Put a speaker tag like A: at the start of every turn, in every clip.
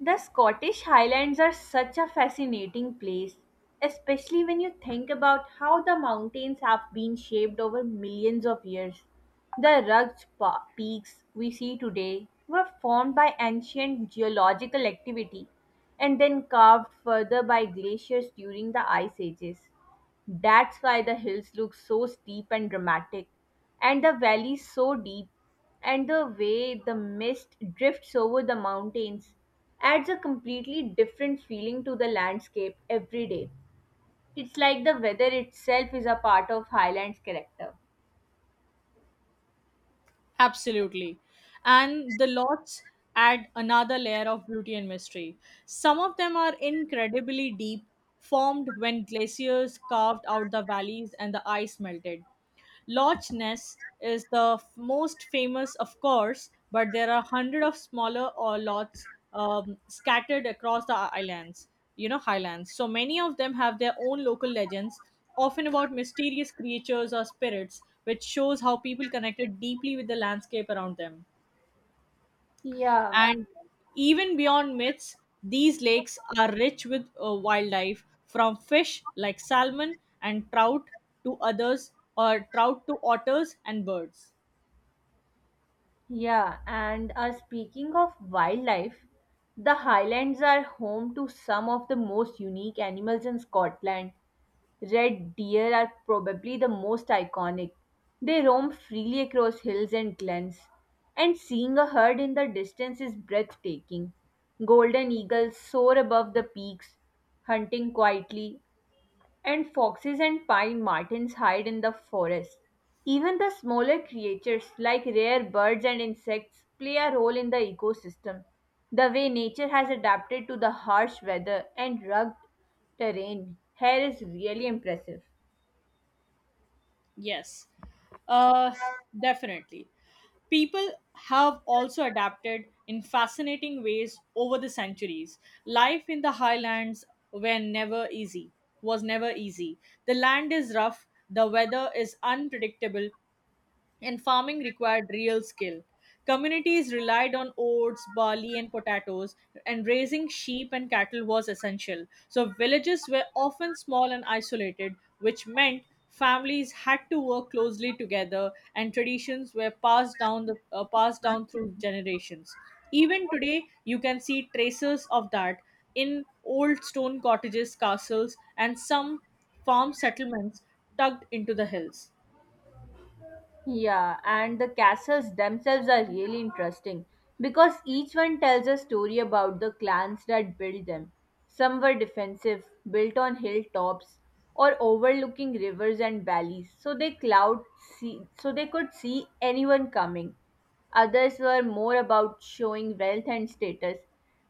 A: The Scottish Highlands are such a fascinating place, especially when you think about how the mountains have been shaped over millions of years. The rugged peaks we see today were formed by ancient geological activity and then carved further by glaciers during the ice ages. That's why the hills look so steep and dramatic, and the valleys so deep, and the way the mist drifts over the mountains adds a completely different feeling to the landscape every day. It's like the weather itself is a part of Highland's character.
B: Absolutely. And the lots add another layer of beauty and mystery. Some of them are incredibly deep, formed when glaciers carved out the valleys and the ice melted. Loch Ness is the most famous, of course, but there are hundreds of smaller or lots, scattered across the islands, you know, highlands. So many of them have their own local legends, often about mysterious creatures or spirits, which shows how people connected deeply with the landscape around them.
A: Yeah,
B: And even beyond myths, these lakes are rich with wildlife, from fish like salmon and trout to otters and birds.
A: yeah, and speaking of wildlife, the Highlands are home to some of the most unique animals in Scotland. Red deer are probably the most iconic. They roam freely across hills and glens, and seeing a herd in the distance is breathtaking. Golden eagles soar above the peaks, hunting quietly, and foxes and pine martens hide in the forest. Even the smaller creatures, like rare birds and insects, play a role in the ecosystem. The way nature has adapted to the harsh weather and rugged terrain here is really impressive.
B: Yes, uh, definitely. People have also adapted in fascinating ways over the centuries. Life in the highlands were never easy, was never easy. The land is rough, the weather is unpredictable, and farming required real skill. Communities relied on oats, barley, and potatoes, and raising sheep and cattle was essential. So, villages were often small and isolated, which meant families had to work closely together, and traditions were passed down through generations. Even today, you can see traces of that in old stone cottages, castles, and some farm settlements tucked into the hills.
A: Yeah, and the castles themselves are really interesting because each one tells a story about the clans that built them. Some were defensive, built on hilltops or overlooking rivers and valleys, so they could see anyone coming. Others were more about showing wealth and status.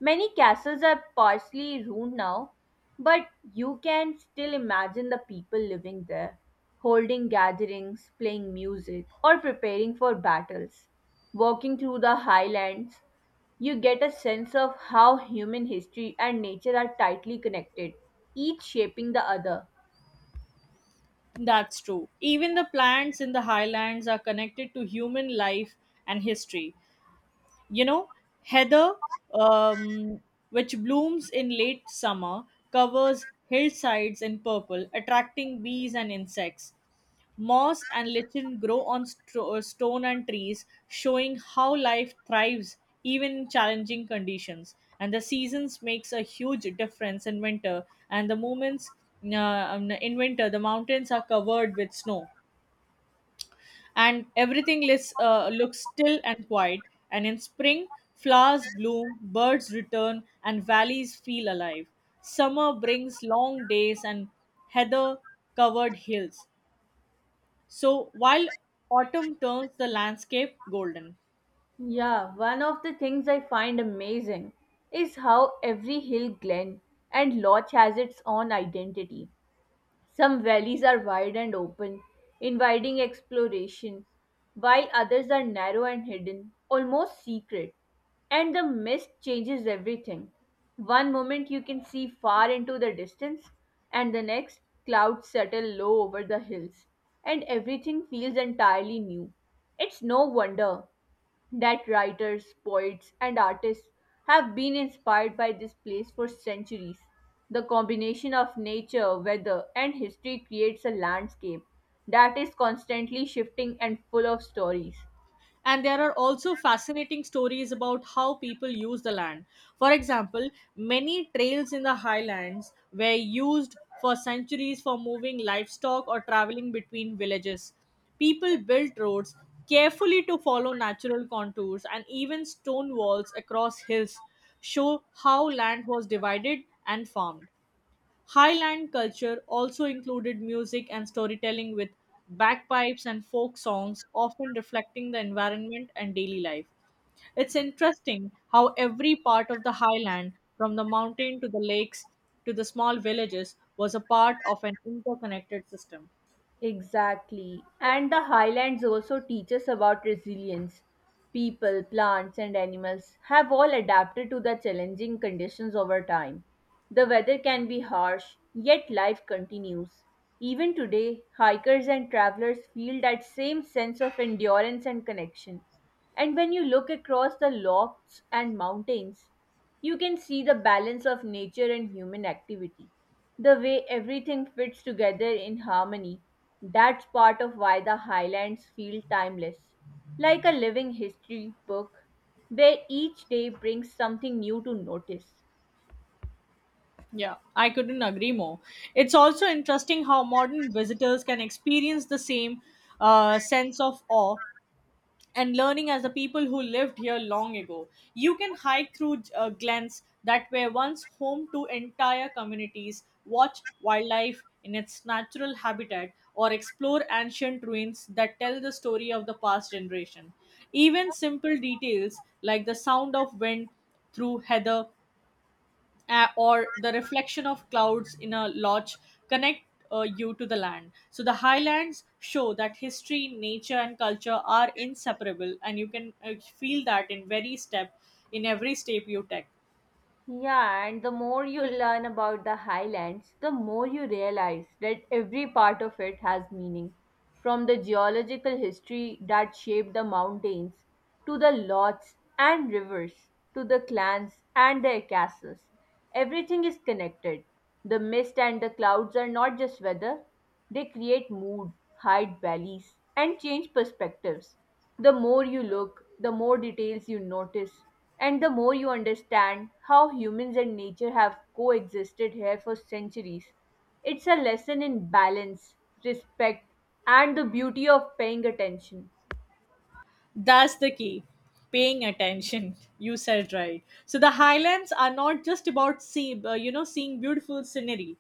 A: Many castles are partially ruined now, but you can still imagine the people living there, holding gatherings, playing music, or preparing for battles. Walking through the highlands, you get a sense of how human history and nature are tightly connected, each shaping the other.
B: That's true. Even the plants in the highlands are connected to human life and history. You know, heather, um, which blooms in late summer, covers hillsides in purple, attracting bees and insects. Moss and lichen grow on stone and trees, showing how life thrives even in challenging conditions. And the seasons makes a huge difference in winter. And the moments In winter, the mountains are covered with snow, and everything looks still and quiet. And in spring, flowers bloom, birds return, and valleys feel alive. Summer brings long days and heather covered hills. So while autumn turns the landscape golden.
A: Yeah, one of the things I find amazing is how every hill, glen, and lodge has its own identity. Some valleys are wide and open, inviting exploration, while others are narrow and hidden, almost secret. And the mist changes everything. One moment you can see far into the distance, and the next, clouds settle low over the hills, and everything feels entirely new. It's no wonder that writers, poets, and artists have been inspired by this place for centuries. The combination of nature, weather, and history creates a landscape that is constantly shifting and full of stories.
B: And there are also fascinating stories about how people use the land. For example, many trails in the highlands were used for centuries for moving livestock or traveling between villages. People built roads carefully to follow natural contours, and even stone walls across hills show how land was divided and farmed. Highland culture also included music and storytelling, with bagpipes and folk songs, often reflecting the environment and daily life. It's interesting how every part of the highland, from the mountain to the lakes to the small villages, was a part of an interconnected system.
A: Exactly. And the highlands also teach us about resilience. People, plants, and animals have all adapted to the challenging conditions over time. The weather can be harsh, yet life continues. Even today, hikers and travelers feel that same sense of endurance and connection. And when you look across the lofts and mountains, you can see the balance of nature and human activity, the way everything fits together in harmony. That's part of why the highlands feel timeless, like a living history book where each day brings something new to notice.
B: Yeah, I couldn't agree more. It's also interesting how modern visitors can experience the same sense of awe and learning as the people who lived here long ago. You can hike through glens that were once home to entire communities, watch wildlife in its natural habitat, or explore ancient ruins that tell the story of the past generation. Even simple details like the sound of wind through heather, or the reflection of clouds in a lodge connect you to the land. So the highlands show that history, nature, and culture are inseparable, and you can feel that in in every step you take.
A: Yeah, and the more you learn about the highlands, the more you realize that every part of it has meaning. From the geological history that shaped the mountains, to the lots and rivers, to the clans and their castles. Everything is connected. The mist and the clouds are not just weather, they create mood, hide valleys, and change perspectives. The more you look, the more details you notice, and the more you understand how humans and nature have coexisted here for centuries. It's a lesson in balance, respect, and the beauty of paying attention.
B: That's the key. Paying attention. You said right. So the highlands are not just about seeing beautiful scenery.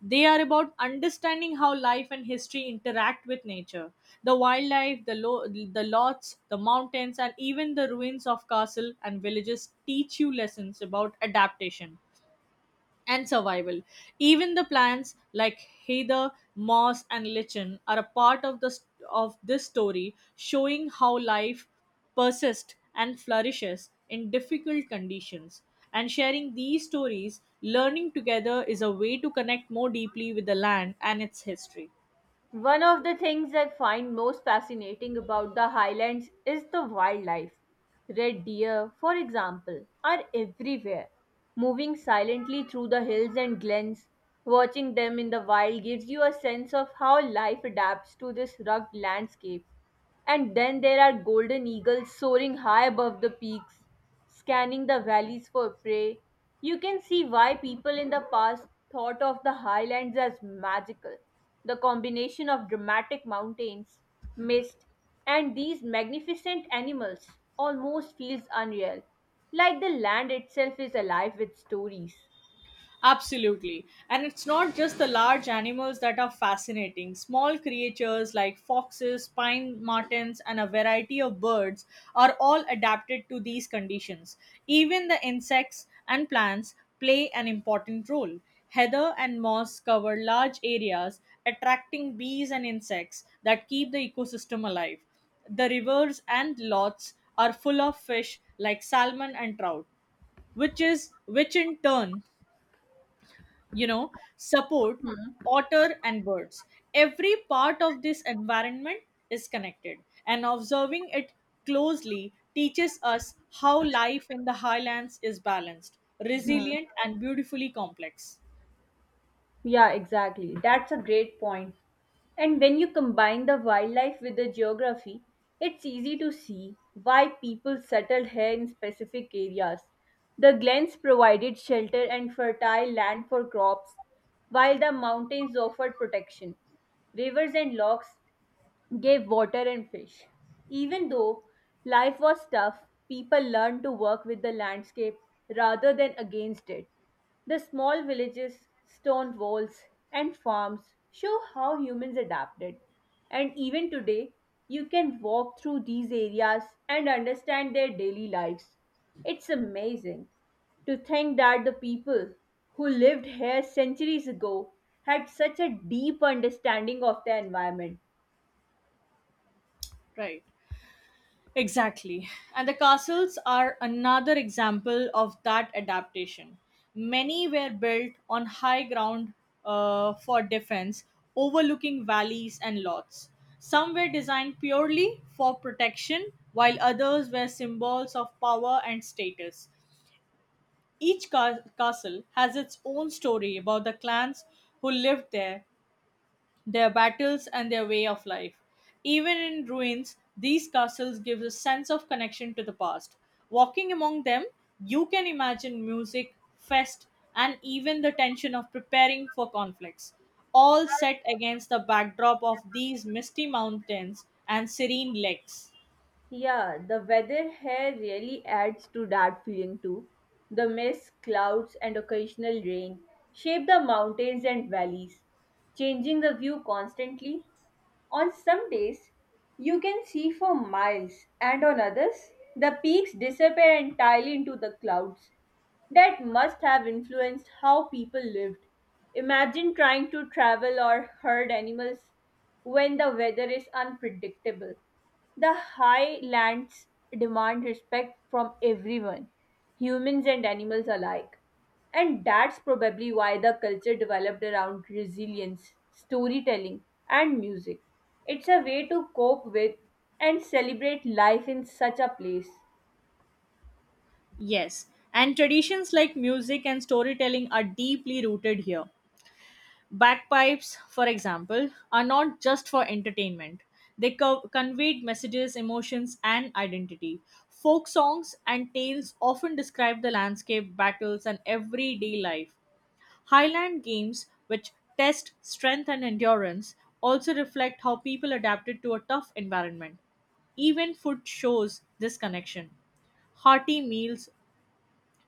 B: They are about understanding how life and history interact with nature. The wildlife, the lots, the mountains, and even the ruins of castle and villages teach you lessons about adaptation and survival. Even the plants like heather, moss, and lichen are a part of this story, showing how life persists and flourishes in difficult conditions. And sharing these stories, learning together is a way to connect more deeply with the land and its history.
A: One of the things I find most fascinating about the highlands is the wildlife. Red deer, for example, are everywhere, moving silently through the hills and glens. Watching them in the wild gives you a sense of how life adapts to this rugged landscape. And then there are golden eagles soaring high above the peaks, scanning the valleys for prey. You can see why people in the past thought of the highlands as magical. The combination of dramatic mountains, mist, and these magnificent animals almost feels unreal, like the land itself is alive with stories.
B: Absolutely. And it's not just the large animals that are fascinating. Small creatures like foxes, pine martens, and a variety of birds are all adapted to these conditions. Even the insects and plants play an important role. Heather and moss cover large areas, attracting bees and insects that keep the ecosystem alive. The rivers and lots are full of fish like salmon and trout, which in turn, you know, support otter and birds. Every part of this environment is connected, and observing it closely teaches us how life in the highlands is balanced, resilient, and beautifully complex.
A: Yeah, exactly. That's a great point. And when you combine the wildlife with the geography, it's easy to see why people settled here in specific areas. The glens provided shelter and fertile land for crops, while the mountains offered protection. Rivers and lochs gave water and fish. Even though life was tough, people learned to work with the landscape rather than against it. The small villages, stone walls, and farms show how humans adapted. And even today, you can walk through these areas and understand their daily lives. It's amazing to think that the people who lived here centuries ago had such a deep understanding of their environment.
B: Right. Exactly. And the castles are another example of that adaptation. Many were built on high ground for defense, overlooking valleys and lots. Some were designed purely for protection, while others were symbols of power and status. Each castle has its own story about the clans who lived there, their battles, and their way of life. Even in ruins, these castles give a sense of connection to the past. Walking among them, you can imagine music, fest, and even the tension of preparing for conflicts, all set against the backdrop of these misty mountains and serene lakes.
A: Yeah, the weather here really adds to that feeling too. The mist, clouds, and occasional rain shape the mountains and valleys, changing the view constantly. On some days, you can see for miles, and on others, the peaks disappear entirely into the clouds. That must have influenced how people lived. Imagine trying to travel or herd animals when the weather is unpredictable. The highlands demand respect from everyone, humans and animals alike. And that's probably why the culture developed around resilience, storytelling, and music. It's a way to cope with and celebrate life in such a place.
B: Yes, and traditions like music and storytelling are deeply rooted here. Bagpipes, for example, are not just for entertainment. They conveyed messages, emotions, and identity. Folk songs and tales often describe the landscape, battles, and everyday life. Highland games, which test strength and endurance, also reflect how people adapted to a tough environment. Even food shows this connection. Hearty meals,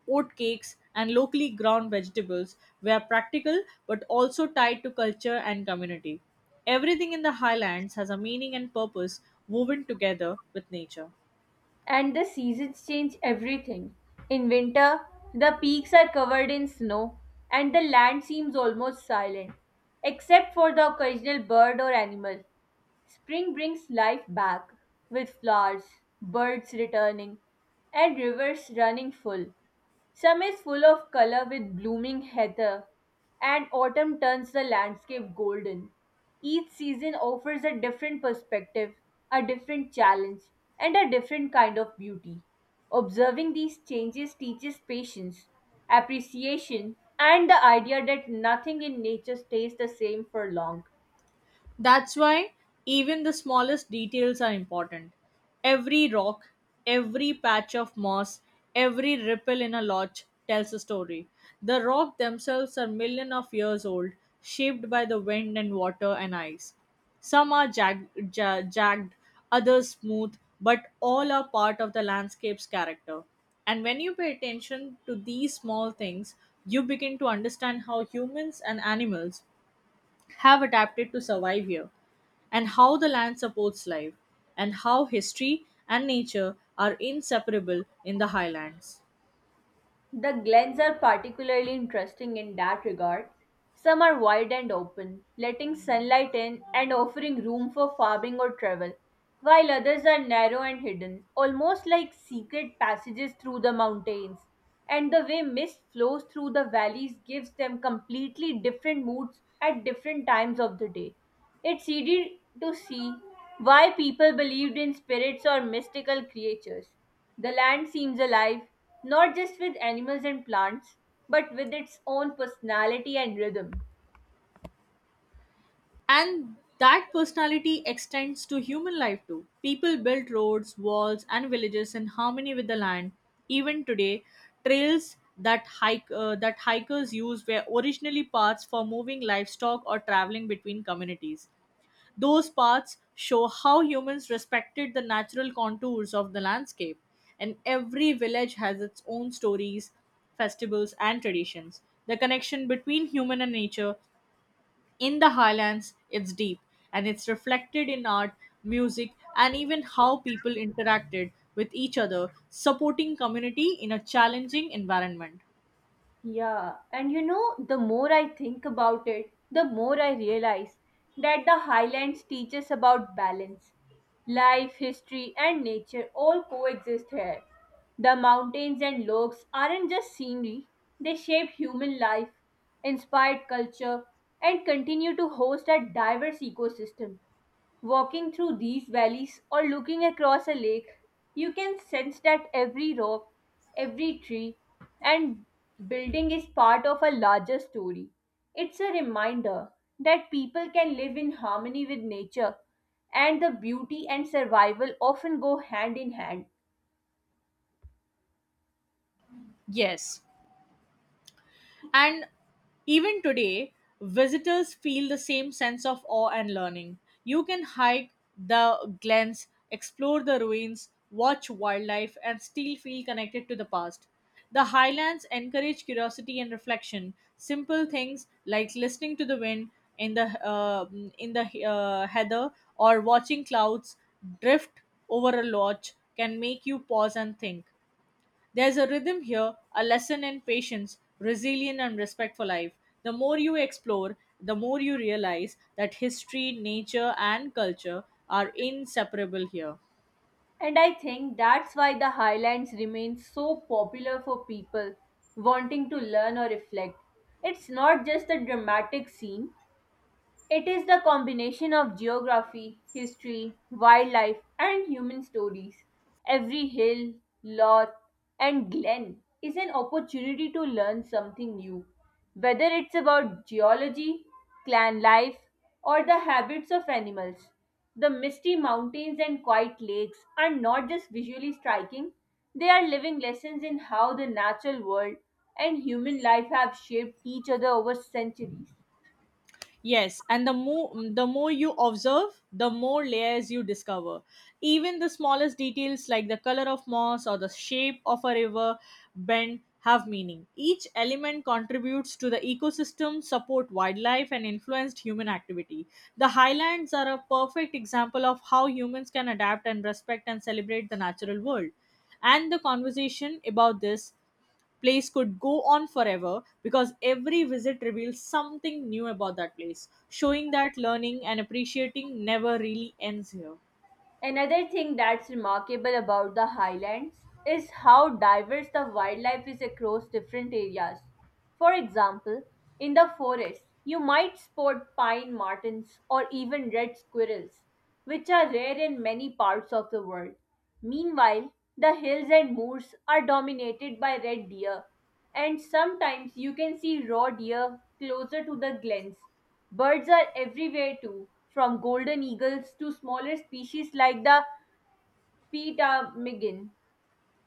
B: oatcakes, and locally grown vegetables were practical but also tied to culture and community. Everything in the highlands has a meaning and purpose, woven together with nature.
A: And the seasons change everything. In winter, the peaks are covered in snow, and the land seems almost silent, except for the occasional bird or animal. Spring brings life back with flowers, birds returning, and rivers running full. Summer is full of color with blooming heather, and autumn turns the landscape golden. Each season offers a different perspective, a different challenge, and a different kind of beauty. Observing these changes teaches patience, appreciation, and the idea that nothing in nature stays the same for long.
B: That's why even the smallest details are important. Every rock, every patch of moss, every ripple in a lodge tells a story. The rocks themselves are millions of years old, shaped by the wind and water and ice. Some are jagged, others smooth, but all are part of the landscape's character. And when you pay attention to these small things, you begin to understand how humans and animals have adapted to survive here, and how the land supports life, and how history and nature are inseparable in the highlands.
A: The glens are particularly interesting in that regard. Some are wide and open, letting sunlight in and offering room for farming or travel, while others are narrow and hidden, almost like secret passages through the mountains. And the way mist flows through the valleys gives them completely different moods at different times of the day. It's easy to see why people believed in spirits or mystical creatures. The land seems alive, not just with animals and plants, but with its own personality and rhythm.
B: And that personality extends to human life too. People built roads, walls, and villages in harmony with the land. Even today, trails that hike that hikers use were originally paths for moving livestock or traveling between communities. Those paths show how humans respected the natural contours of the landscape, and every village has its own stories, festivals, and traditions. The connection between human and nature in the highlands is deep, and it's reflected in art, music, and even how people interacted with each other, supporting community in a challenging environment.
A: Yeah, and you know, the more I think about it, the more I realize that the Highlands teach us about balance. Life, history, and nature all coexist here. The mountains and lakes aren't just scenery, they shape human life, inspired culture, and continue to host a diverse ecosystem. Walking through these valleys or looking across a lake, you can sense that every rock, every tree, and building is part of a larger story. It's a reminder that people can live in harmony with nature, and the beauty and survival often go hand in hand.
B: Yes. And even today, visitors feel the same sense of awe and learning. You can hike the glens, explore the ruins, watch wildlife, and still feel connected to the past. The highlands encourage curiosity and reflection. Simple things like listening to the wind in the uh, in the heather, or watching clouds drift over a lodge, can make you pause and think. There's a rhythm here, a lesson in patience, resilience, and respect for life. The more you explore, the more you realize that history, nature, and culture are inseparable here.
A: And I think that's why the highlands remain so popular for people wanting to learn or reflect. It's not just a dramatic scene, it is the combination of geography, history, wildlife, and human stories. Every hill, loch, and glen is an opportunity to learn something new, whether it's about geology, clan life, or the habits of animals. The misty mountains and quiet lakes are not just visually striking, they are living lessons in how the natural world and human life have shaped each other over centuries.
B: Yes, and the more you observe, the more layers you discover. Even the smallest details like the color of moss or the shape of a river bend have meaning. Each element contributes to the ecosystem, support wildlife, and influenced human activity. The highlands are a perfect example of how humans can adapt and respect and celebrate the natural world. And the conversation about this place could go on forever, because every visit reveals something new about that place, showing that learning and appreciating never really ends here.
A: Another thing that's remarkable about the highlands is how diverse the wildlife is across different areas. For example, in the forest, you might spot pine martens or even red squirrels, which are rare in many parts of the world. Meanwhile, the hills and moors are dominated by red deer, and sometimes you can see raw deer closer to the glens. Birds are everywhere too, from golden eagles to smaller species like the ptarmigan,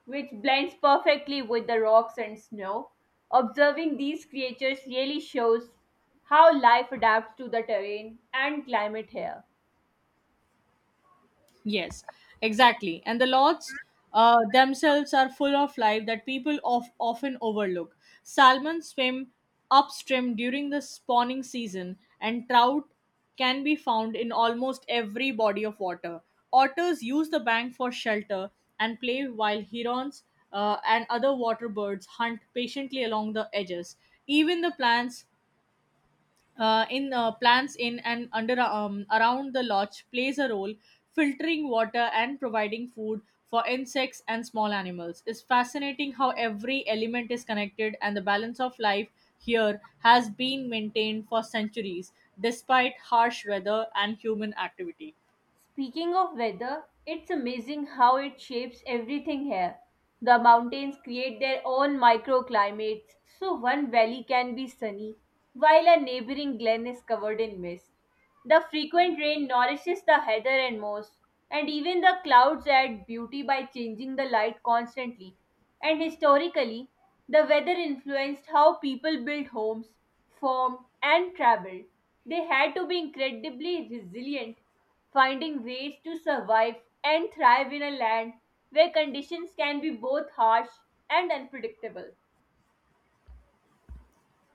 A: which blends perfectly with the rocks and snow. Observing these creatures really shows how life adapts to the terrain and climate here.
B: Yes, exactly. And the lots themselves are full of life that people often overlook. Salmon swim upstream during the spawning season, and trout can be found in almost every body of water. Otters use the bank for shelter and play, while herons and other water birds hunt patiently along the edges. Even the plants in and under, around the lodge, plays a role filtering water and providing food for insects and small animals. It's fascinating how every element is connected, and the balance of life here has been maintained for centuries despite harsh weather and human activity.
A: Speaking of weather, it's amazing how it shapes everything here. The mountains create their own microclimates, so one valley can be sunny, while a neighboring glen is covered in mist. The frequent rain nourishes the heather and moss, and even the clouds add beauty by changing the light constantly. And historically, the weather influenced how people built homes, farmed, and traveled. They had to be incredibly resilient, finding ways to survive and thrive in a land where conditions can be both harsh and unpredictable.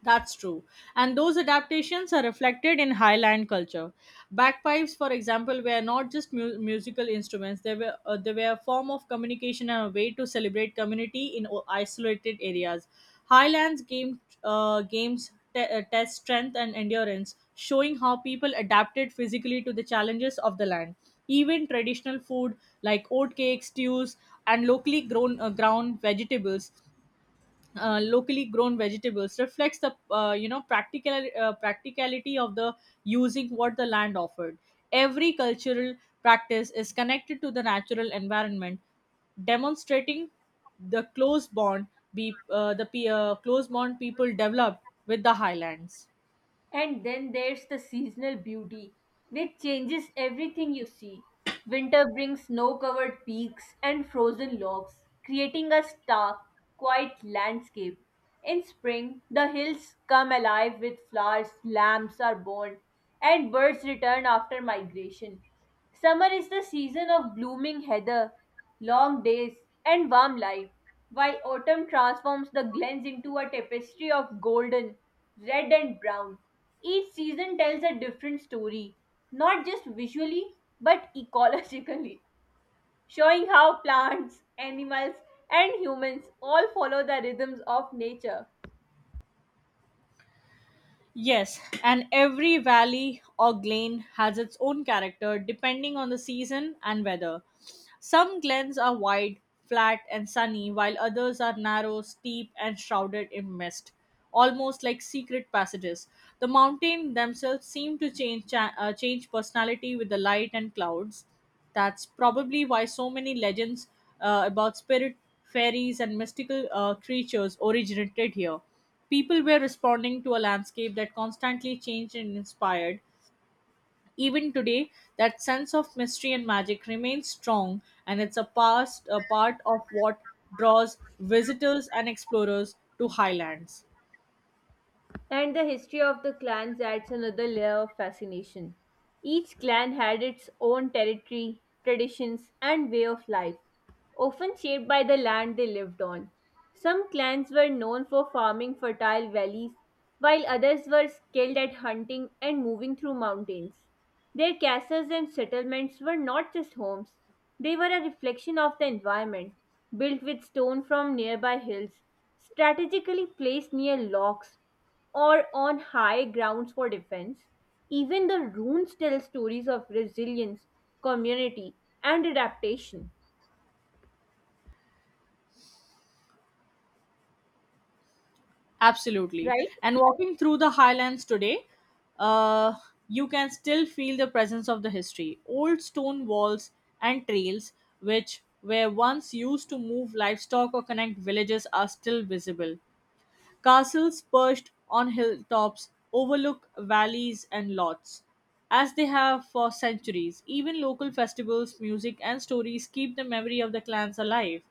B: That's true. And those adaptations are reflected in Highland culture. Bagpipes, for example, were not just musical instruments, they were a form of communication and a way to celebrate community in isolated areas. Games test strength and endurance, showing how people adapted physically to the challenges of the land. Even traditional food like oatcakes, stews, and locally grown vegetables reflects the practicality of the using what the land offered. Every cultural practice is connected to the natural environment, demonstrating the close bond people develop with the highlands.
A: And then there's the seasonal beauty, which changes everything you see. Winter brings snow covered peaks and frozen logs, creating a stark, quiet landscape. In spring, the hills come alive with flowers, lambs are born, and birds return after migration. Summer is the season of blooming heather, long days, and warm light, while autumn transforms the glens into a tapestry of golden, red, and brown. Each season tells a different story, not just visually but ecologically, showing how plants, animals, and humans all follow the rhythms of nature.
B: Yes, and every valley or glen has its own character depending on the season and weather. Some glens are wide, flat, and sunny, while others are narrow, steep, and shrouded in mist, almost like secret passages. The mountains themselves seem to change personality with the light and clouds. That's probably why so many legends about spirit fairies and mystical creatures originated here. People were responding to a landscape that constantly changed and inspired. Even today, that sense of mystery and magic remains strong, and it's a part of what draws visitors and explorers to highlands.
A: And the history of the clans adds another layer of fascination. Each clan had its own territory, traditions, and way of life, often shaped by the land they lived on. Some clans were known for farming fertile valleys, while others were skilled at hunting and moving through mountains. Their castles and settlements were not just homes, they were a reflection of the environment, built with stone from nearby hills, strategically placed near locks or on high grounds for defense. Even the runes tell stories of resilience, community, and adaptation,
B: Absolutely.
A: right?
B: And walking through the highlands today, uh, you can still feel the presence of the history. Old stone walls and trails, which were once used to move livestock or connect villages, are still visible. Castles perched on hilltops overlook valleys and lots, as they have for centuries. Even local festivals, music, and stories keep the memory of the clans alive.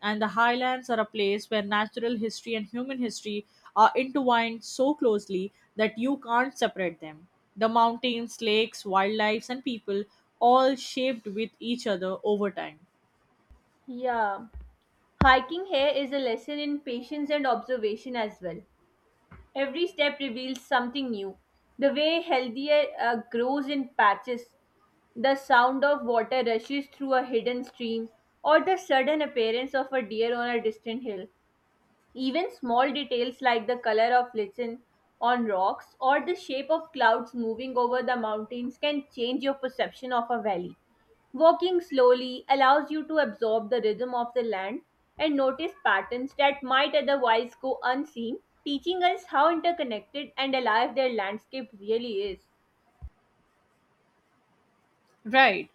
B: And the highlands are a place where natural history and human history are intertwined so closely that you can't separate them. The mountains, lakes, wildlife, and people all shaped with each other over time.
A: Yeah. Hiking here is a lesson in patience and observation as well. Every step reveals something new. The way healthier grows in patches, the sound of water rushes through a hidden stream, or the sudden appearance of a deer on a distant hill. Even small details like the color of listen on rocks or the shape of clouds moving over the mountains can change your perception of a valley. Walking slowly allows you to absorb the rhythm of the land and notice patterns that might otherwise go unseen, teaching us how interconnected and alive their landscape really is.
B: Right.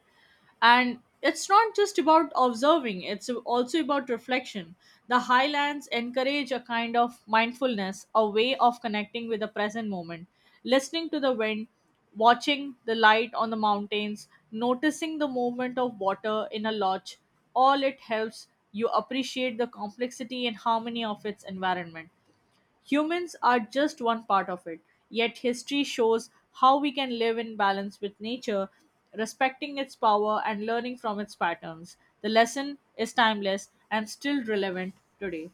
B: And it's not just about observing, it's also about reflection. The highlands encourage a kind of mindfulness, a way of connecting with the present moment, listening to the wind, watching the light on the mountains, noticing the movement of water in a lodge. All it helps you appreciate the complexity and harmony of its environment. Humans are just one part of it, yet, history shows how we can live in balance with nature, respecting its power and learning from its patterns. The lesson is timeless and still relevant today.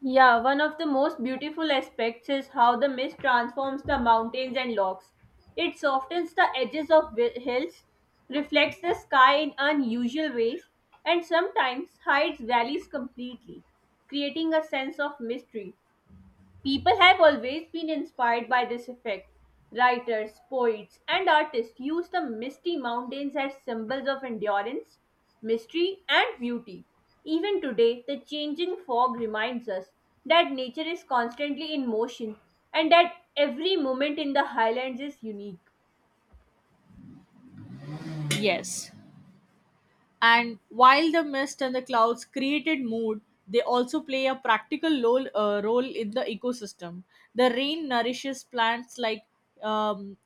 A: Yeah, one of the most beautiful aspects is how the mist transforms the mountains and logs. It softens the edges of hills, reflects the sky in unusual ways, and sometimes hides valleys completely, creating a sense of mystery. People have always been inspired by this effect. Writers, poets, and artists use the misty mountains as symbols of endurance, mystery, and beauty. Even today, the changing fog reminds us that nature is constantly in motion and that every moment in the highlands is unique.
B: Yes. And while the mist and the clouds created mood, they also play a practical role in the ecosystem. The rain nourishes plants like um,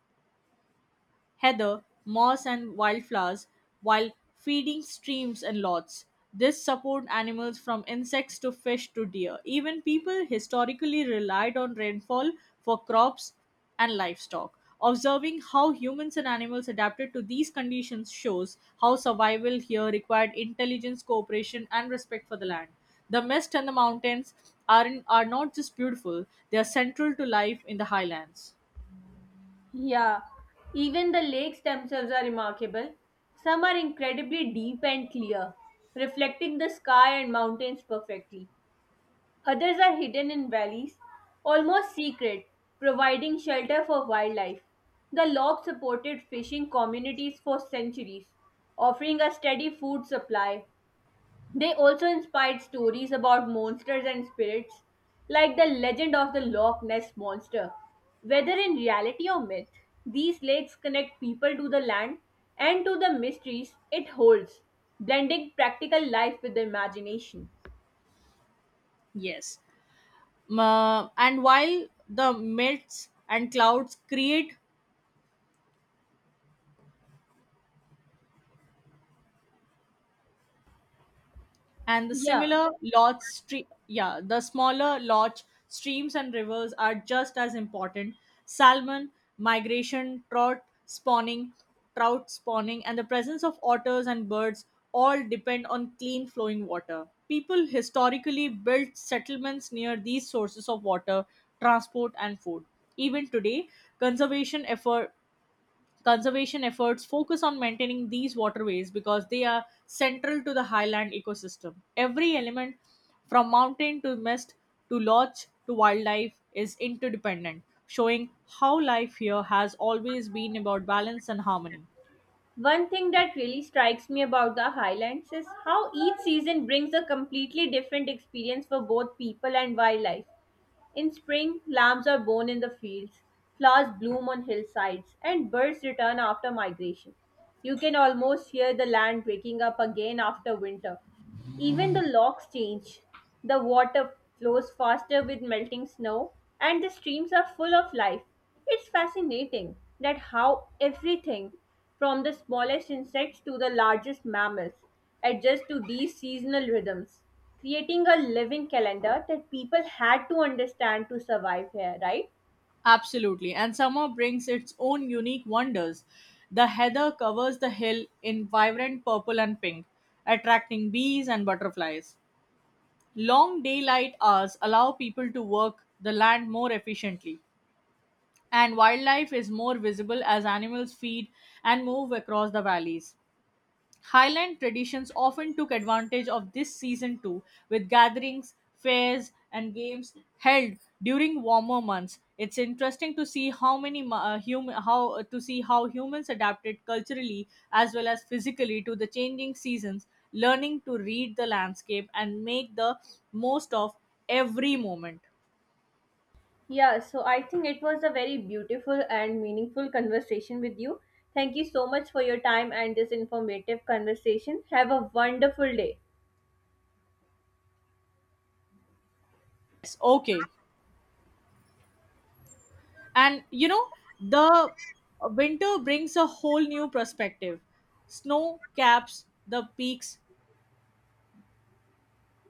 B: heather, moss, and wildflowers while feeding streams and lots. This support animals from insects to fish to deer. Even people historically relied on rainfall for crops and livestock. Observing how humans and animals adapted to these conditions shows how survival here required intelligence, cooperation, and respect for the land. The mist and the mountains are not just beautiful, they are central to life in the highlands.
A: Yeah, even the lakes themselves are remarkable. Some are incredibly deep and clear, reflecting the sky and mountains perfectly. Others are hidden in valleys, almost secret, providing shelter for wildlife. The log supported fishing communities for centuries, offering a steady food supply. They also inspired stories about monsters and spirits, like the legend of the Loch Ness monster. Whether in reality or myth, these lakes connect people to the land and to the mysteries it holds, blending practical life with the imagination.
B: Yes. And while the mists and clouds create and the
A: Yeah.
B: similar yeah, the smaller large streams and rivers are just as important. Salmon migration, trout spawning, and the presence of otters and birds all depend on clean flowing water. People historically built settlements near these sources of water, transport, and food. Even today, conservation effort conservation efforts focus on maintaining these waterways because they are central to the highland ecosystem. Every element, from mountain to mist to lodge to wildlife, is interdependent, showing how life here has always been about balance and harmony.
A: One thing that really strikes me about the Highlands is how each season brings a completely different experience for both people and wildlife. In spring, lambs are born in the fields, flowers bloom on hillsides, and birds return after migration. You can almost hear the land waking up again after winter. Even the locks change. The water flows faster with melting snow, and the streams are full of life. It's fascinating that how everything, from the smallest insects to the largest mammals, adjusts to these seasonal rhythms, creating a living calendar that people had to understand to survive here, right?
B: Absolutely. And summer brings its own unique wonders. The heather covers the hill in vibrant purple and pink, attracting bees and butterflies. Long daylight hours allow people to work the land more efficiently, and wildlife is more visible as animals feed and move across the valleys. Highland traditions often took advantage of this season too, with gatherings, fairs, and games held during warmer months. It's interesting to see how many mu- hum- how to see how humans adapted culturally as well as physically to the changing seasons, learning to read the landscape and make the most of every moment.
A: Yeah, so I think it was a very beautiful and meaningful conversation with you. Thank you so much for your time and this informative conversation. Have a wonderful day.
B: Yes, okay. And you know, the winter brings a whole new perspective. Snow caps the peaks,